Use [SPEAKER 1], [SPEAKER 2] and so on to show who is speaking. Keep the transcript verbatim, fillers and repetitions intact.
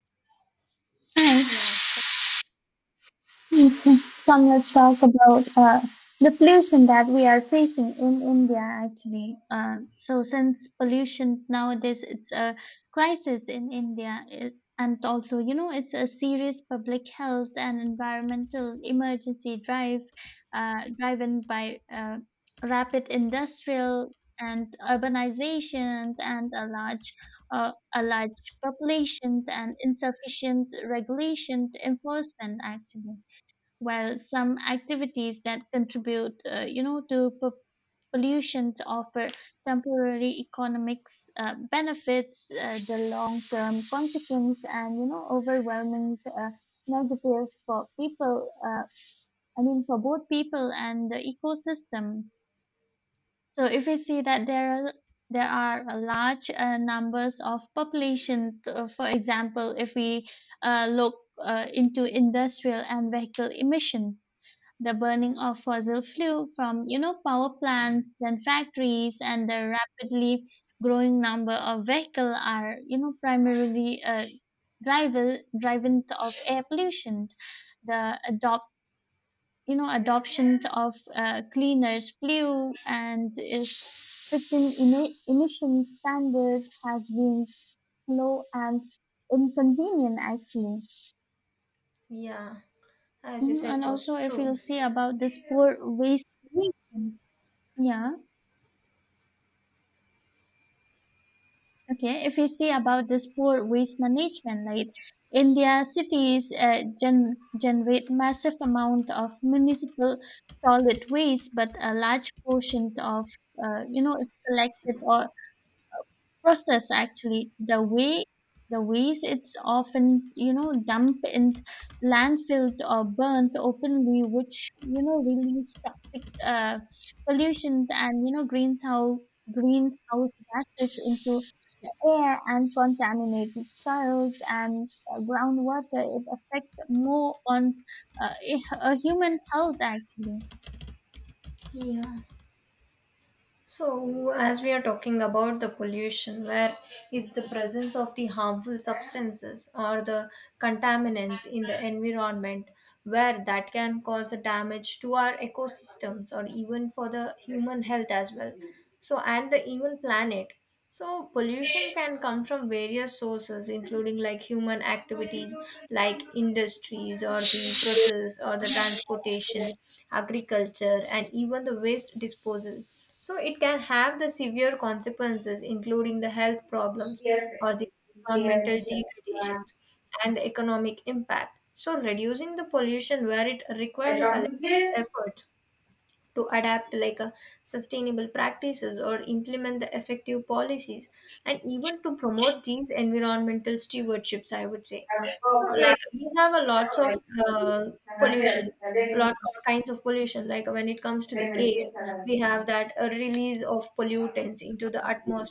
[SPEAKER 1] Hi.
[SPEAKER 2] Yeah,
[SPEAKER 1] Okay. Come, let's talk about uh, the pollution that we are facing in India, actually. Um, so, since pollution nowadays, it's a crisis in India, it, and also, you know, it's a serious public health and environmental emergency drive, uh, driven by uh, rapid industrial and urbanization and a large uh, a large population and insufficient regulation enforcement actually. Well, some activities that contribute, uh, you know, to p- pollution offer temporary economics uh, benefits, uh, the long-term consequence, and you know, overwhelming uh, negative for people. Uh, I mean, for both people and the ecosystem. So, if we see that there are there are a large uh, numbers of population, uh, for example, if we uh, look uh, into industrial and vehicle emission, the burning
[SPEAKER 2] yeah,
[SPEAKER 1] of fossil fuel from you know power plants and factories, and the rapidly growing number of vehicles are you know primarily uh, driven driven of air pollution. The adopt you know adoption of uh, cleaners fuel and is fixing emi- emission standards has been slow and inconvenient actually.
[SPEAKER 2] yeah. As you
[SPEAKER 1] Mhm, and
[SPEAKER 2] said, was
[SPEAKER 1] also if
[SPEAKER 2] true.
[SPEAKER 1] you'll see about this poor waste management, yeah, okay. If you see about this poor waste management, like India cities uh, gen generate massive amount of municipal solid waste, but a large portion of uh, you know it's collected or processed actually. The way the waste, it's often you know dumped in landfilled or burnt openly, which you know release toxic uh, pollution and you know greenhouse greenhouse gases into air and contaminated soils and uh, groundwater is affect more on uh, hu- uh, human health actually.
[SPEAKER 2] Yeah. So, as we are talking about the pollution, where is the presence of the harmful substances or the contaminants in the environment, where that can cause a damage to our ecosystems or even for the human health as well. So, and the even planet. So, pollution can come from various sources, including like human activities, like industries, or the process, or the transportation, agriculture, and even the waste disposal. So, it can have the severe consequences, including the health problems or the environmental degradations and the economic impact. So, reducing the pollution where it requires a collective effort to adapt like a sustainable practices or implement the effective policies and even to promote these environmental stewardships, I would say. So like we have a lots of uh, pollution, lot of kinds of pollution, like when it comes to the air, we have that a release of pollutants into the atmosphere,